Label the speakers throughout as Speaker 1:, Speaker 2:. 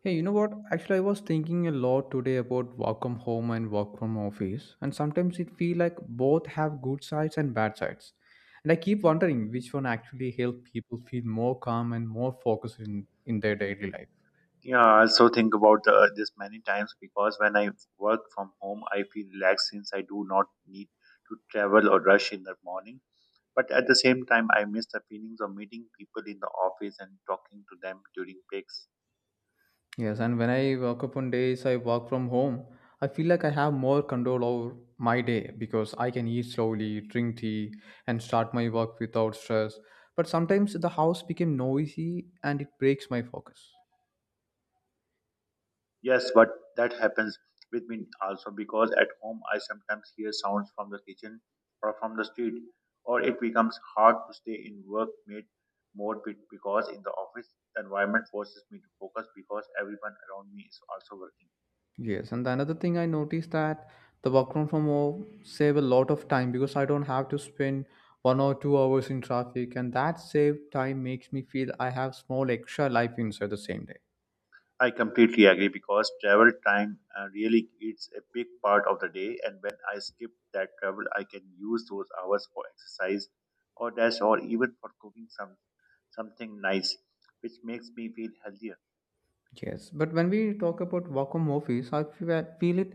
Speaker 1: Hey, you know what? Actually, I was thinking a lot today about work from home and work from office, and sometimes it feel like both have good sides and bad sides. And I keep wondering which one actually help people feel more calm and more focused in their daily life.
Speaker 2: Yeah, I also think about this many times because when I work from home, I feel relaxed since I do not need to travel or rush in the morning. But at the same time, I miss the feelings of meeting people in the office and talking to them during breaks.
Speaker 1: Yes, and when I work up on days I work from home, I feel like I have more control over my day because I can eat slowly, drink tea, and start my work without stress. But sometimes the house became noisy and it breaks my focus.
Speaker 2: Yes, but that happens with me also because at home I sometimes hear sounds from the kitchen or from the street, or it becomes hard to stay in workmate mode because in the office the environment forces me to focus because everyone around me is also working.
Speaker 1: Yes, and another thing I noticed that the work from home save a lot of time because I don't have to spend 1 or 2 hours in traffic, and that saved time makes me feel I have small extra life inside the same day.
Speaker 2: I completely agree because travel time really eats a big part of the day, and when I skip that travel, I can use those hours for exercise or dash or even for cooking something nice, which makes me feel healthier.
Speaker 1: Yes, but when we talk about work from office, I feel it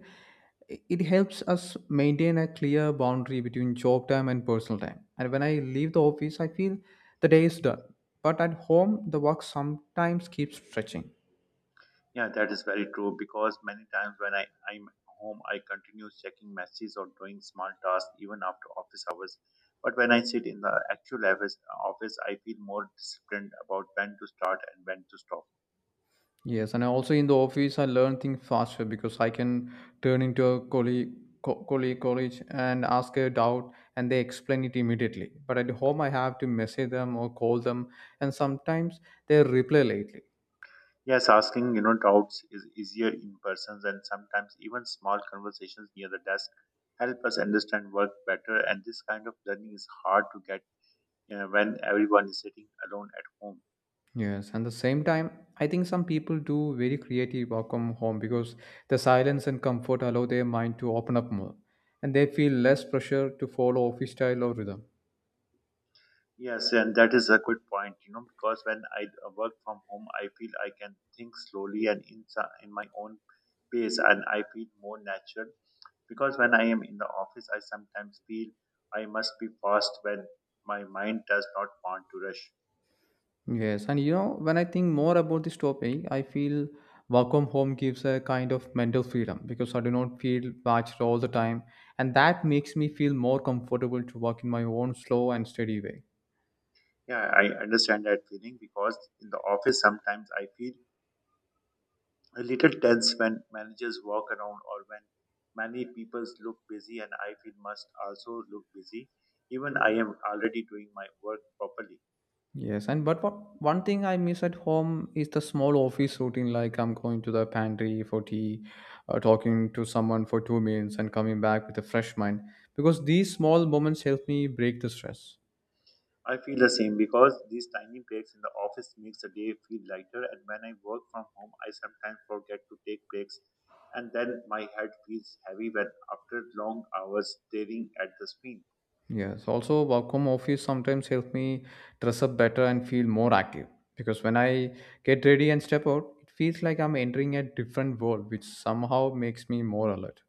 Speaker 1: it helps us maintain a clear boundary between job time and personal time. And when I leave the office, I feel the day is done. But at home, the work sometimes keeps stretching.
Speaker 2: Yeah, that is very true because many times when I'm home, I continue checking messages or doing small tasks even after office hours. But when I sit in the actual office, I feel more disciplined about when to start and when to stop.
Speaker 1: Yes, and I also in the office, I learn things faster because I can turn into a colleague, colleague, and ask a doubt, and they explain it immediately. But at home, I have to message them or call them, and sometimes they reply lately.
Speaker 2: Yes, asking you know doubts is easier in person, and sometimes even small conversations near the desk help us understand work better. And this kind of learning is hard to get when everyone is sitting alone at home.
Speaker 1: Yes, and the same time, I think some people do very creative work from home because the silence and comfort allow their mind to open up more, and they feel less pressure to follow office style or rhythm.
Speaker 2: Yes, and that is a good point, you know, because when I work from home, I feel I can think slowly and in my own pace, and I feel more natural. Because when I am in the office, I sometimes feel I must be fast when my mind does not want to rush.
Speaker 1: Yes, and you know, when I think more about this topic, I feel work from home gives a kind of mental freedom because I do not feel watched all the time, and that makes me feel more comfortable to work in my own slow and steady way.
Speaker 2: Yeah, I understand that feeling because in the office, sometimes I feel a little tense when managers walk around or when many people look busy, and I feel must also look busy. Even I am already doing my work properly.
Speaker 1: Yes, and but what, one thing I miss at home is the small office routine, like I'm going to the pantry for tea, talking to someone for 2 minutes, and coming back with a fresh mind because these small moments help me break the stress.
Speaker 2: I feel the same because these tiny breaks in the office makes the day feel lighter, and when I work from home I sometimes forget to take breaks, and then my head feels heavy when after long hours staring at the screen.
Speaker 1: Yes, also work from office sometimes help me dress up better and feel more active because when I get ready and step out, it feels like I'm entering a different world, which somehow makes me more alert.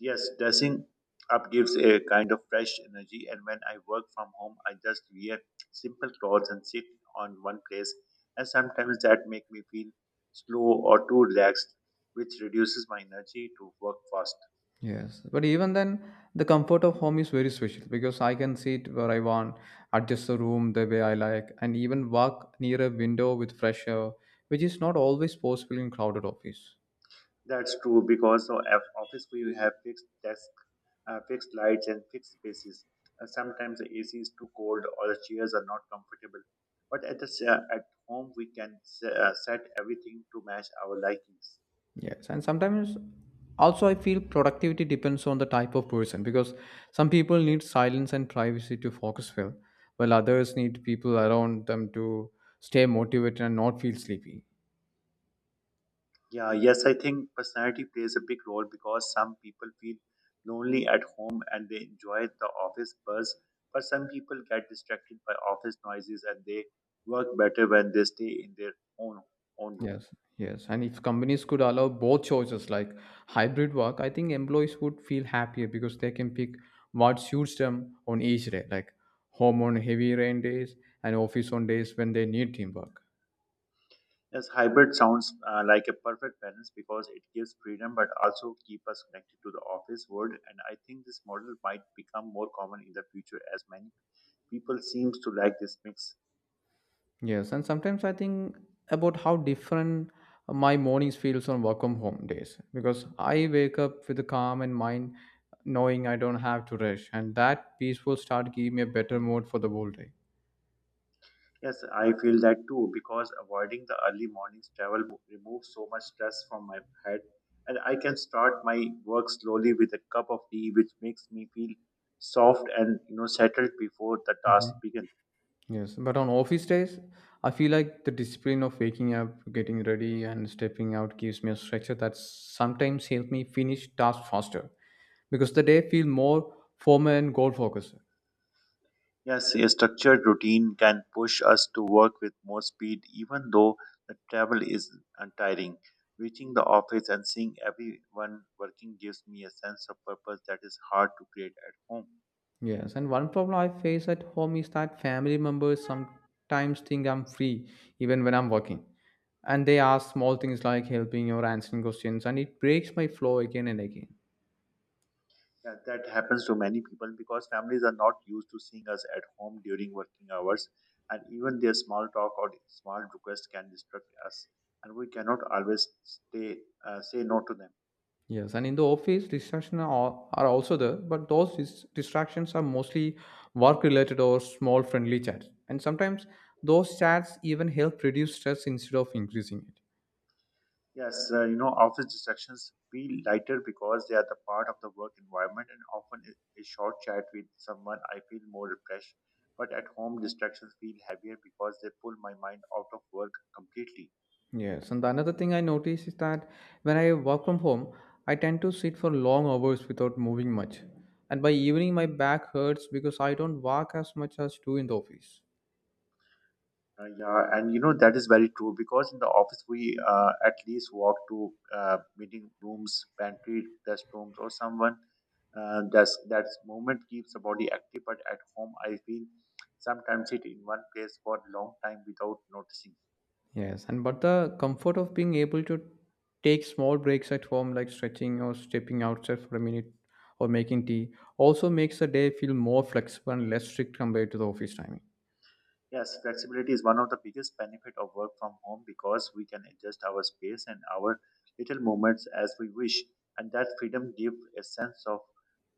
Speaker 2: Yes, dressing up gives a kind of fresh energy, and when I work from home I just wear simple clothes and sit on one place, and sometimes that make me feel slow or too relaxed, which reduces my energy to work fast.
Speaker 1: Yes, but even then, the comfort of home is very special because I can sit where I want, adjust the room the way I like, and even walk near a window with fresh air, which is not always possible in crowded office.
Speaker 2: That's true because so at office we have fixed desk, fixed lights, and fixed spaces. Sometimes the AC is too cold or the chairs are not comfortable. But at the at home we can set everything to match our likings.
Speaker 1: Yes, and sometimes also I feel productivity depends on the type of person because some people need silence and privacy to focus well, while others need people around them to stay motivated and not feel sleepy.
Speaker 2: Yeah, yes, I think personality plays a big role because some people feel lonely at home and they enjoy the office buzz, but some people get distracted by office noises and they work better when they stay in their own room.
Speaker 1: Yes, yes, and if companies could allow both choices like hybrid work, I think employees would feel happier because they can pick what suits them on each day, like home on heavy rain days and office on days when they need teamwork.
Speaker 2: Yes, hybrid sounds like a perfect balance because it gives freedom but also keep us connected to the office world. And I think this model might become more common in the future as many people seems to like this mix.
Speaker 1: Yes, and sometimes I think about how different my mornings feels on work from home days because I wake up with a calm and mind knowing I don't have to rush and that peaceful start give me a better mood for the whole day.
Speaker 2: Yes, I feel that too because avoiding the early mornings travel removes so much stress from my head, and I can start my work slowly with a cup of tea, which makes me feel soft and you know settled before the task
Speaker 1: Mhm.
Speaker 2: begins.
Speaker 1: Yes, but on office days, I feel like the discipline of waking up, getting ready, and stepping out gives me a structure that sometimes helps me finish tasks faster because the day feel more formal and goal focused.
Speaker 2: Yes, a structured routine can push us to work with more speed, even though the travel is tiring. Reaching the office and seeing everyone working gives me a sense of purpose that is hard to create at home.
Speaker 1: Yes, and one problem I face at home is that family members sometimes think I'm free even when I'm working. And they ask small things like helping or answering questions, and it breaks my flow again and again.
Speaker 2: Yeah, that happens to many people because families are not used to seeing us at home during working hours, and even their small talk or small request can distract us, and we cannot always stay, say no to them.
Speaker 1: Yes, and in the office, are also there, but those distractions are mostly work related or small friendly chats. And sometimes those chats even help reduce stress instead of increasing it.
Speaker 2: Yes, you know, office distractions feel lighter because they are the part of the work environment, and often a short chat with someone, I feel more refreshed. But at home, distractions feel heavier because they pull my mind out of work completely.
Speaker 1: Yes, and the another thing I notice is that when I work from home, I tend to sit for long hours without moving much. And by evening, my back hurts because I don't walk as much as do in the office.
Speaker 2: Yeah, and you know, that is very true because in the office, we at least walk to meeting rooms, pantry, restrooms, or someone. That's movement keeps the body active, but at home, I feel sometimes sit in one place for a long time without noticing.
Speaker 1: Yes, and but the comfort of being able to take small breaks at home, like stretching or stepping outside for a minute or making tea, also makes the day feel more flexible and less strict compared to the office timing.
Speaker 2: Yes, flexibility is one of the biggest benefit of work from home because we can adjust our space and our little movements as we wish, and that freedom gives a sense of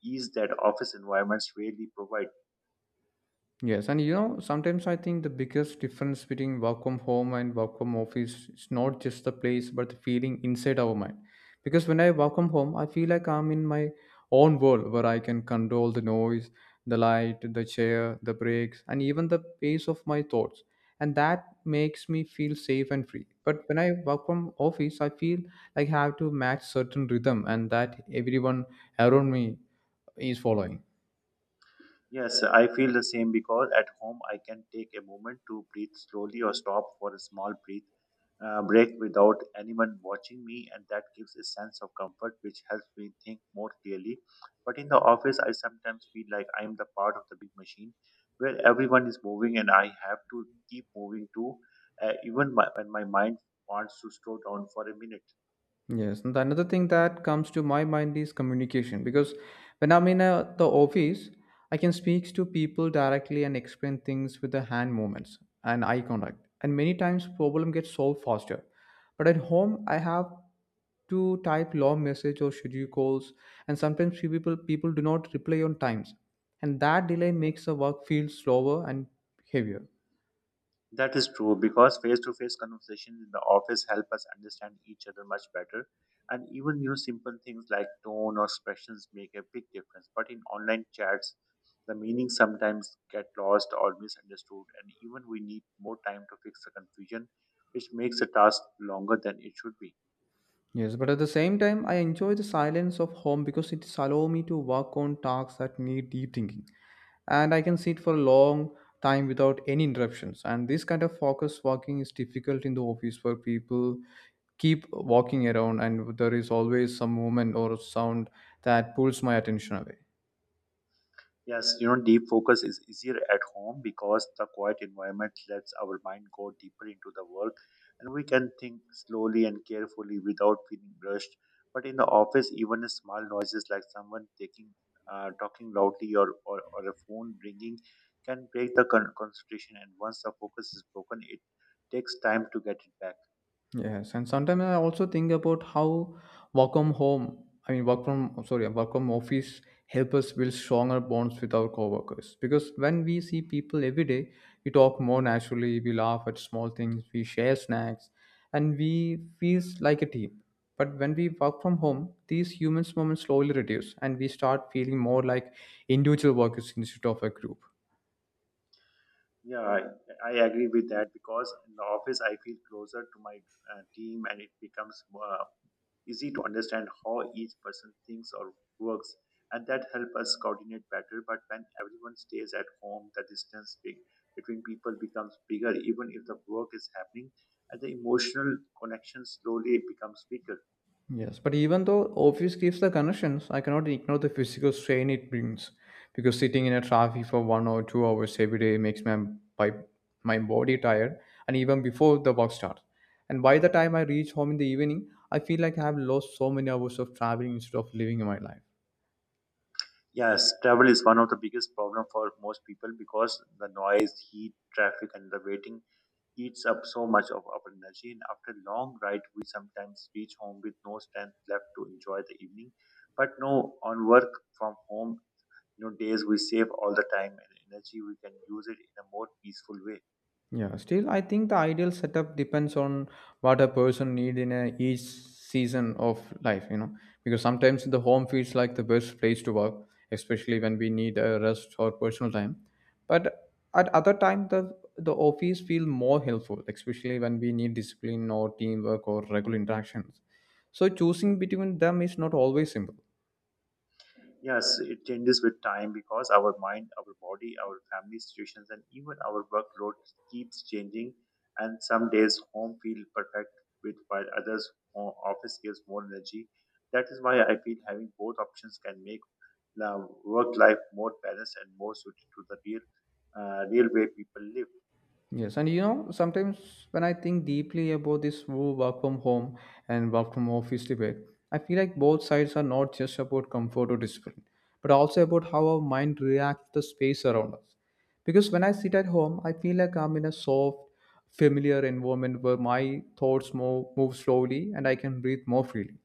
Speaker 2: ease that office environments rarely provide.
Speaker 1: Yes, and you know, sometimes I think the biggest difference between work from home and work from office is not just the place, but the feeling inside our mind. Because when I work from home, I feel like I'm in my own world where I can control the noise, the light, the chair, the breaks, and even the pace of my thoughts. And that makes me feel safe and free. But when I work from office, I feel like I have to match certain rhythm and that everyone around me is following.
Speaker 2: Yes, I feel the same because at home I can take a moment to breathe slowly or stop for a small breath break without anyone watching me, and that gives a sense of comfort which helps me think more clearly. But in the office, I sometimes feel like I am the part of the big machine where everyone is moving and I have to keep moving too, when my mind wants to slow down for a minute.
Speaker 1: Yes, and another thing that comes to my mind is communication because when I'm in the office, I can speak to people directly and explain things with the hand movements and eye contact, and many times problem gets solved faster. But at home, I have to type long message or schedule calls, and sometimes people do not reply on times, and that delay makes the work feel slower and heavier.
Speaker 2: That is true because face to face conversations in the office help us understand each other much better. And even you know, simple things like tone or expressions make a big difference. But in online chats, the meaning sometimes get lost or misunderstood, and even we need more time to fix the confusion, which makes the task longer than it should be.
Speaker 1: Yes, but at the same time, I enjoy the silence of home because it allows me to work on tasks that need deep thinking. And I can sit for a long time without any interruptions. And this kind of focus working is difficult in the office where people keep walking around and there is always some movement or sound that pulls my attention away.
Speaker 2: Yes, you know, deep focus is easier at home because the quiet environment lets our mind go deeper into the work, and we can think slowly and carefully without feeling rushed. But in the office, even small noises like someone taking, talking loudly or a phone ringing can break the concentration. And once the focus is broken, it takes time to get it back.
Speaker 1: Yes, and sometimes I also think about how work from home, I mean work from sorry, work from office help us build stronger bonds with our coworkers. Because when we see people every day, we talk more naturally, we laugh at small things, we share snacks, and we feel like a team. But when we work from home, these human moments slowly reduce and we start feeling more like individual workers instead of a group.
Speaker 2: Yeah, I agree with that because in the office I feel closer to my team, and it becomes easy to understand how each person thinks or works, and that helps us coordinate better. But when everyone stays at home, the distance between people becomes bigger even if the work is happening, and the emotional connection slowly becomes weaker.
Speaker 1: Yes, but even though office gives the connections, I cannot ignore the physical strain it brings. Because sitting in a traffic for 1 or 2 hours every day makes my, my body tired, and even before the work starts. And by the time I reach home in the evening, I feel like I have lost so many hours of traveling instead of living my life.
Speaker 2: Yes, travel is one of the biggest problem for most people because the noise, heat, traffic and the waiting eats up so much of our energy, and after long ride, we sometimes reach home with no strength left to enjoy the evening. But no, on work from home, you know, days we save all the time and energy, we can use it in a more peaceful way.
Speaker 1: Yeah, still, I think the ideal setup depends on what a person need in a, each season of life, you know, because sometimes the home feels like the best place to work, especially when we need a rest or personal time. But at other time, the office feel more helpful, especially when we need discipline or teamwork or regular interactions. So choosing between them is not always simple.
Speaker 2: Yes, it changes with time because our mind, our body, our family situations, and even our workload keeps changing. And some days home feel perfect with while others office gives more energy. That is why I feel having both options can make work life more balanced and more suited to the real, real way people live.
Speaker 1: Yes, and you know, sometimes when I think deeply about this whole work from home and work from office debate, I feel like both sides are not just about comfort or discipline, but also about how our mind reacts to the space around us. Because when I sit at home, I feel like I'm in a soft, familiar environment where my thoughts move slowly and I can breathe more freely.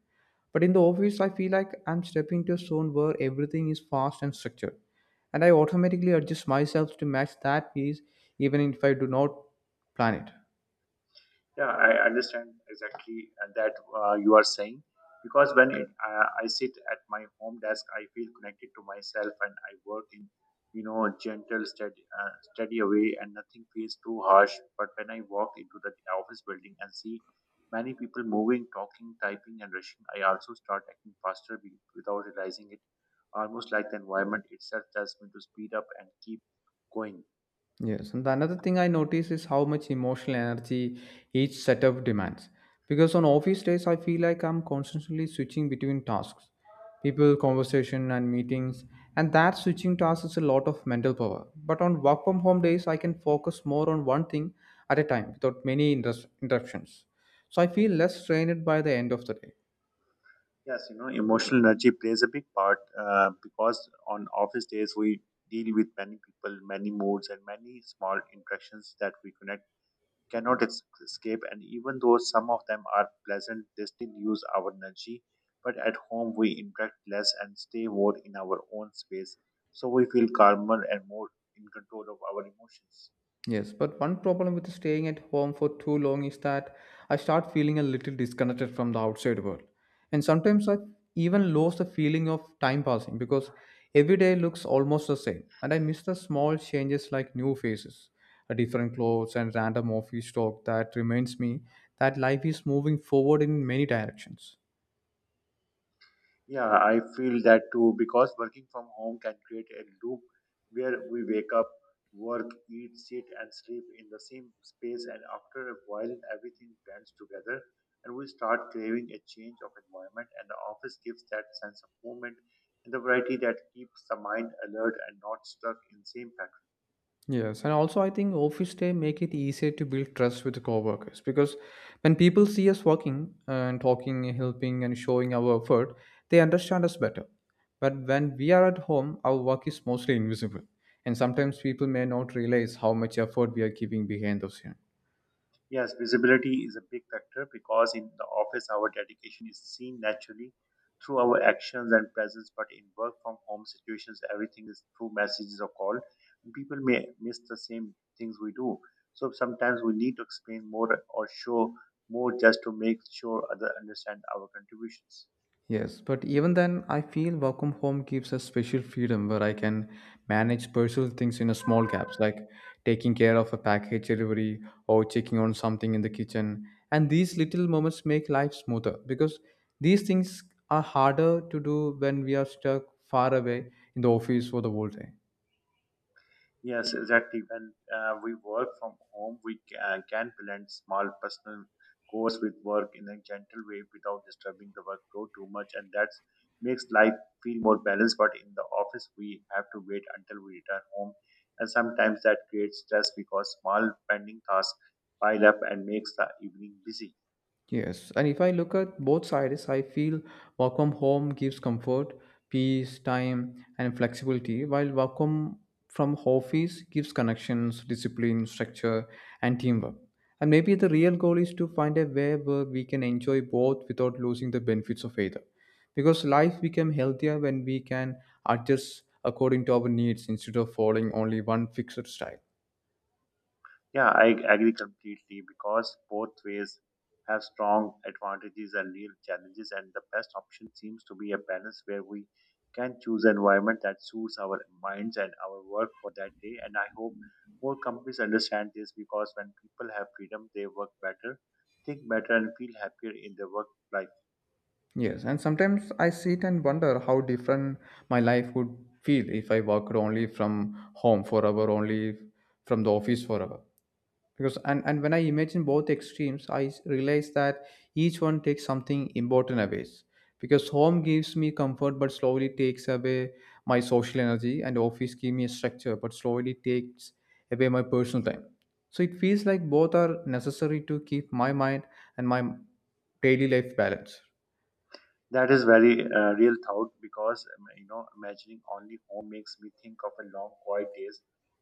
Speaker 1: But in the office, I feel like I'm stepping into a zone where everything is fast and structured, and I automatically adjust myself to match that pace, even if I do not plan it.
Speaker 2: Yeah, I understand exactly that you are saying because when I sit at my home desk, I feel connected to myself and I work in, you know, a gentle, steady, steady way, and nothing feels too harsh. But when I walk into the office building and see many people moving, talking, typing, and rushing, I also start acting faster without realizing it, almost like the environment itself tells me to speed up and keep going.
Speaker 1: Yes, and the another thing I notice is how much emotional energy each setup demands. Because on office days, I feel like I'm constantly switching between tasks, people, conversation, and meetings, and that switching tasks is a lot of mental power. But on work from home days, I can focus more on one thing at a time without many interruptions. So I feel less strained by the end of the day.
Speaker 2: Yes, you know, emotional energy plays a big part because on office days we deal with many people, many moods, and many small interactions that we connect cannot escape. And even though some of them are pleasant, they still use our energy. But at home, we interact less and stay more in our own space, so we feel calmer and more in control of our emotions.
Speaker 1: Yes, but one problem with staying at home for too long is that I start feeling a little disconnected from the outside world. And sometimes I even lose the feeling of time passing because every day looks almost the same. And I miss the small changes like new faces, a different clothes, and random office talk that reminds me that life is moving forward in many directions.
Speaker 2: Yeah, I feel that too because working from home can create a loop where we wake up, work, eat, sit, and sleep in the same space, and after a while, everything blends together and we start craving a change of environment. And the office gives that sense of movement and the variety that keeps the mind alert and not stuck in same pattern.
Speaker 1: Yes, and also I think office day make it easier to build trust with the coworkers because when people see us working and talking, helping, and showing our effort, they understand us better. But when we are at home, our work is mostly invisible, and sometimes people may not realize how much effort we are giving behind the scene.
Speaker 2: Yes, visibility is a big factor because in the office, our dedication is seen naturally through our actions and presence. But in work from home situations, everything is through messages or call, and people may miss the same things we do. So sometimes we need to explain more or show more just to make sure others understand our contributions.
Speaker 1: Yes, but even then, I feel work from home gives us special freedom where I can manage personal things in a small gaps, like taking care of a package delivery or checking on something in the kitchen. And these little moments make life smoother because these things are harder to do when we are stuck far away in the office for the whole day.
Speaker 2: Yes, exactly. When we work from home, we can blend small personal goals with work in a gentle way without disturbing the workflow too much, and that makes life feel more balanced. But in the office, we have to wait until we return home, and sometimes that creates stress because small pending tasks pile up and makes the evening busy.
Speaker 1: Yes, and if I look at both sides, I feel work from home gives comfort, peace, time, and flexibility, while work from office gives connections, discipline, structure, and teamwork. And maybe the real goal is to find a way where we can enjoy both without losing the benefits of either. Because life becomes healthier when we can adjust according to our needs instead of following only one fixed style.
Speaker 2: Yeah, I agree completely because both ways have strong advantages and real challenges, and the best option seems to be a balance where we can choose an environment that suits our minds and our work for that day. And I hope more companies understand this because when people have freedom, they work better, think better, and feel happier in their work life.
Speaker 1: Yes, and sometimes I sit and wonder how different my life would feel if I worked only from home forever, only from the office forever. Because and when I imagine both extremes, realize that each one takes something important away. Because home gives me comfort but slowly takes away my social energy, and office gives me a structure but slowly takes away my personal time. So it feels like both are necessary to keep my mind and my daily life balanced.
Speaker 2: That is very real thought because imagining only home makes me think of a long quiet days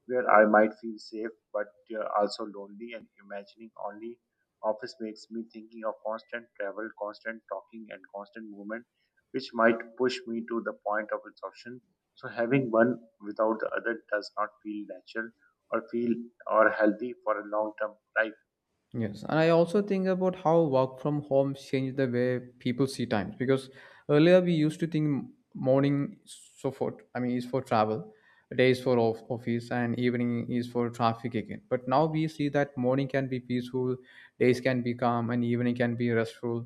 Speaker 2: where I might feel safe but also lonely, and imagining only office makes me thinking of constant travel, constant talking, and constant movement which might push me to the point of exhaustion. So having one without the other does not feel natural or feel or healthy for a long term life.
Speaker 1: Yes, and I also think about how work from home changed the way people see time because earlier we used to think morning is so for I mean is for travel, day is for office, and evening is for traffic again. But now we see that morning can be peaceful, days can be calm, and evening can be restful.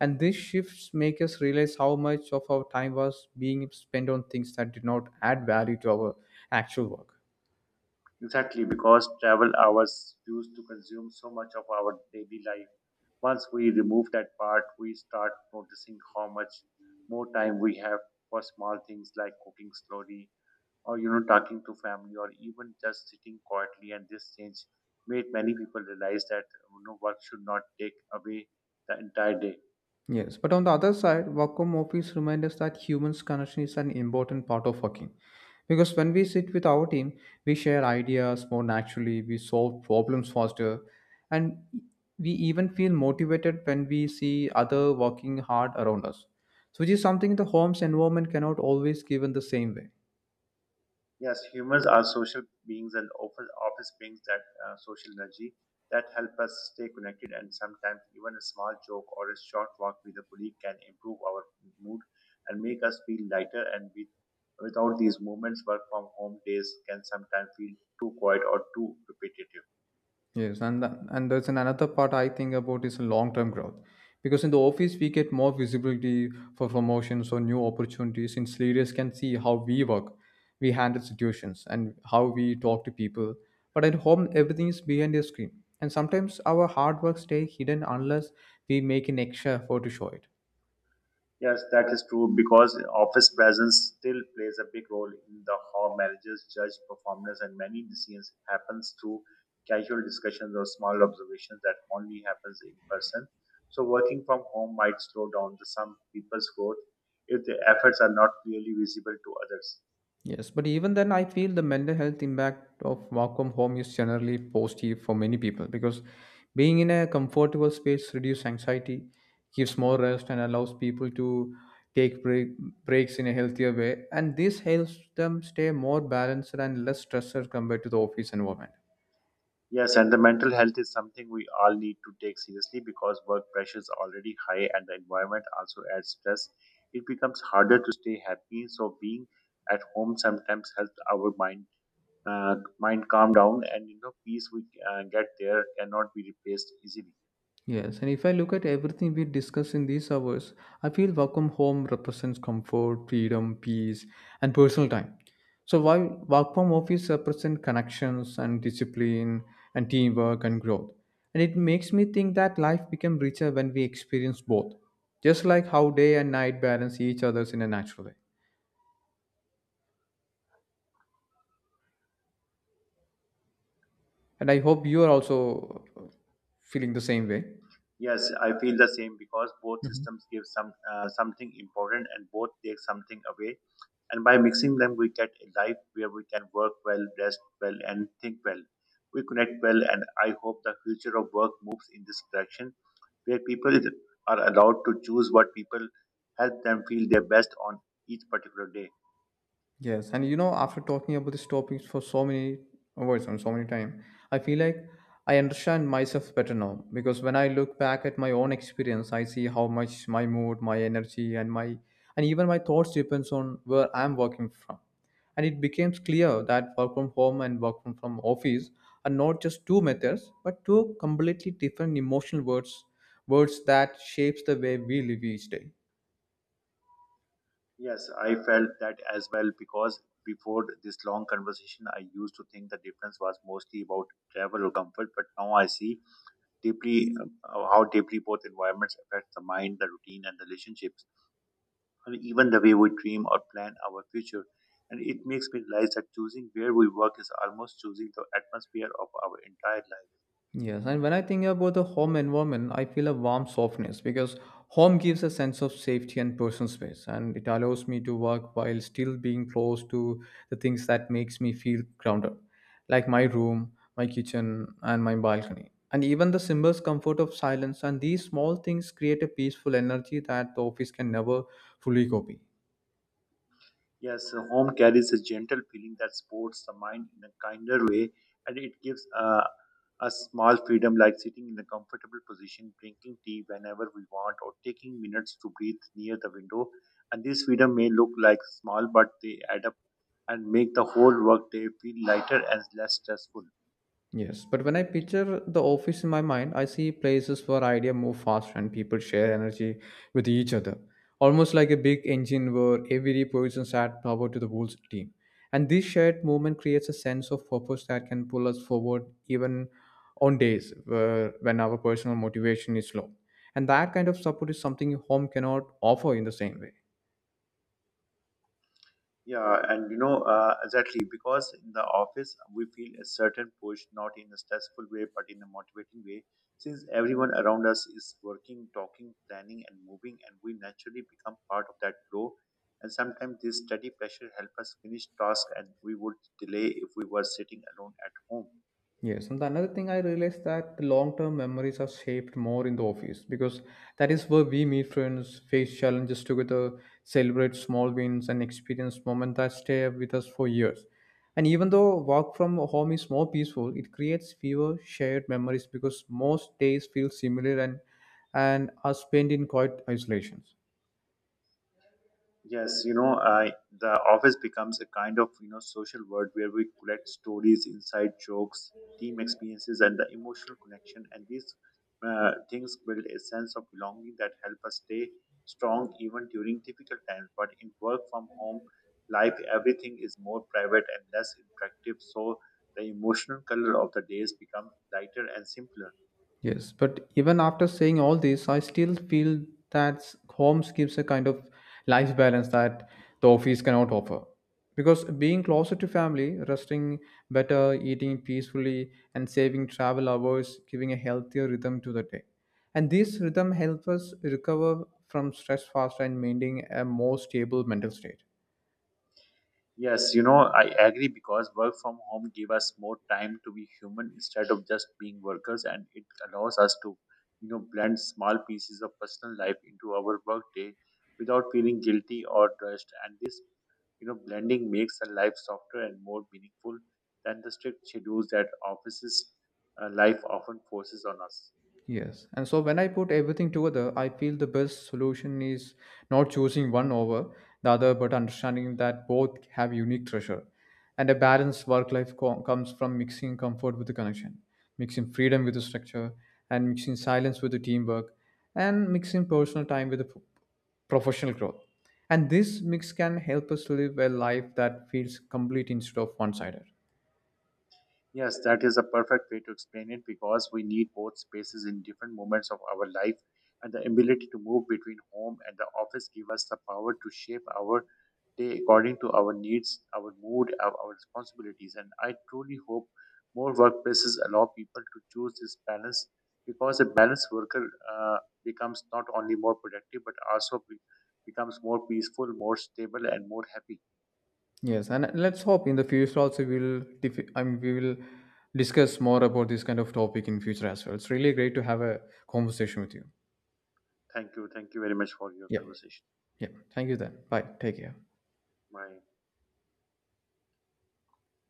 Speaker 1: And these shifts make us realize how much of our time was being spent on things that did not add value to our actual work.
Speaker 2: Exactly, because travel hours used to consume so much of our daily life. Once we remove that part, we start noticing how much more time we have for small things like cooking slowly, or talking to family, or even just sitting quietly. And this change made many people realize that work should not take away the entire day.
Speaker 1: Yes, but on the other side, work from office reminds us that humans' connection is an important part of working. Because when we sit with our team, we share ideas more naturally, we solve problems faster, and we even feel motivated when we see other working hard around us. So which is something the home's environment cannot always give in the same way.
Speaker 2: Yes, humans are social beings, and often office brings that social energy that help us stay connected, and sometimes even a small joke or a short walk with a colleague can improve our mood and make us feel lighter. And without these moments, work from home days can sometimes feel too quiet or too repetitive.
Speaker 1: Yes, and and there's an another part I think about is long-term growth, because in the office we get more visibility for promotions or new opportunities. Since leaders can see how we work, we handle situations, and how we talk to people. But at home, everything is behind a screen, and sometimes our hard work stays hidden unless we make an extra effort to show it.
Speaker 2: Yes, that is true because office presence still plays a big role in the how managers judge performance, and many decisions happens through casual discussions or small observations that only happens in person. So working from home might slow down the some people's growth if the efforts are not clearly visible to others.
Speaker 1: Yes, but even then, I feel the mental health impact of work from home is generally positive for many people because being in a comfortable space reduces anxiety, gives more rest, and allows people to take break, breaks in a healthier way. And this helps them stay more balanced and less stressed compared to the office environment.
Speaker 2: Yes, and the mental health is something we all need to take seriously because work pressure is already high and the environment also adds stress. It becomes harder to stay happy. So being at home sometimes helps our mind calm down, and peace we get there cannot be replaced easily.
Speaker 1: Yes, and if I look at everything we discuss in these hours, I feel Welcome Home represents comfort, freedom, peace, and personal time. So while Welcome Office represents connections and discipline and teamwork and growth. And it makes me think that life becomes richer when we experience both, just like how day and night balance each other's in a natural way. And I hope you are also feeling the same way.
Speaker 2: Yes, I feel the same because both
Speaker 1: Mhm.
Speaker 2: systems give something important, and both take something away. And by mixing them, we get a life where we can work well, rest well, and think well, we connect well. And I hope the future of work moves in this direction where are allowed to choose what people help them feel their best on each particular day.
Speaker 1: Yes, and you know, after talking about these topics for so many hours and so many time, I feel like I understand myself better now because when I look back at my own experience, I see how much my mood, my energy, and my and even my thoughts depends on where I'm working from. And it becomes clear that work from home and work from office are not just two methods, but two completely different emotional words, words that shapes the way we live each day.
Speaker 2: Yes, I felt that as well because before this long conversation I used to think the difference was mostly about travel or comfort, but now I see deeply how deeply both environments affect the mind, the routine, and the relationships, and even the way we dream or plan our future. And it makes me realize that choosing where we work is almost choosing the atmosphere of our entire life.
Speaker 1: Yes, and when I think about the home environment, I feel a warm softness because home gives a sense of safety and personal space, and it allows me to work while still being close to the things that makes me feel grounded, like my room, my kitchen, and my balcony. And even the simplest comfort of silence and these small things create a peaceful energy that the office can never fully copy.
Speaker 2: Yes, so home carries a gentle feeling that supports the mind in a kinder way, and it gives a small freedom like sitting in a comfortable position, drinking tea whenever we want, or taking minutes to breathe near the window. And this freedom may look like small, but they add up and make the whole workday feel lighter and less stressful.
Speaker 1: Yes, but when I picture the office in my mind, I see places where idea move fast and people share energy with each other, almost like a big engine where every person add power to the whole team. And this shared movement creates a sense of purpose that can pull us forward even on days where, when our personal motivation is low. And that kind of support is something home cannot offer in the same way.
Speaker 2: Yeah, and exactly, because in the office we feel a certain push, not in a stressful way, but in a motivating way. Since everyone around us is working, talking, planning, and moving, and we naturally become part of that flow. And sometimes this study pressure helps us finish tasks and we would delay if we were sitting alone at home.
Speaker 1: Yes, and another thing I realized that the long-term memories are shaped more in the office because that is where we meet friends, face challenges together, celebrate small wins, and experience moments that stay with us for years. And even though work from home is more peaceful, it creates fewer shared memories because most days feel similar and are spent in quiet isolations.
Speaker 2: Yes, you know, I the office becomes a kind of social world where we collect stories, inside jokes, team experiences, and the emotional connection. And these things build a sense of belonging that help us stay strong even during difficult times. But in work from home life, everything is more private and less interactive. So the emotional color of the days become lighter and simpler.
Speaker 1: Yes, but even after saying all this, I still feel that homes gives a kind of life balance that the office cannot offer. Because being closer to family, resting better, eating peacefully, and saving travel hours, giving a healthier rhythm to the day. And this rhythm helps us recover from stress faster and maintain a more stable mental state.
Speaker 2: Yes, you know, I agree because work from home gave us more time to be human instead of just being workers, and it allows us to, blend small pieces of personal life into our workday without feeling guilty or rushed. And blending makes the life softer and more meaningful than the strict schedules that offices life often forces on us.
Speaker 1: Yes. And so when I put everything together, I feel the best solution is not choosing one over the other, but understanding that both have unique treasure. And a balanced work life comes from mixing comfort with the connection, mixing freedom with the structure, and mixing silence with the teamwork, and mixing personal time with the professional growth. And this mix can help us to live a life that feels complete instead of one sided.
Speaker 2: Yes, that is a perfect way to explain it because we need both spaces in different moments of our life, and the ability to move between home and the office give us the power to shape our day according to our needs, our mood, our responsibilities. And I truly hope more workplaces allow people to choose this balance because a balanced worker becomes not only more productive but also becomes more peaceful, more stable, and more happy.
Speaker 1: Yes, and let's hope in the future also we'll dif- I mean, we will discuss more about this kind of topic in future as well. It's really great to have a conversation with you.
Speaker 2: Thank you. Thank you very much for your
Speaker 1: Yeah,
Speaker 2: conversation.
Speaker 1: yeah. Thank you then. Bye. Take care.
Speaker 2: Bye.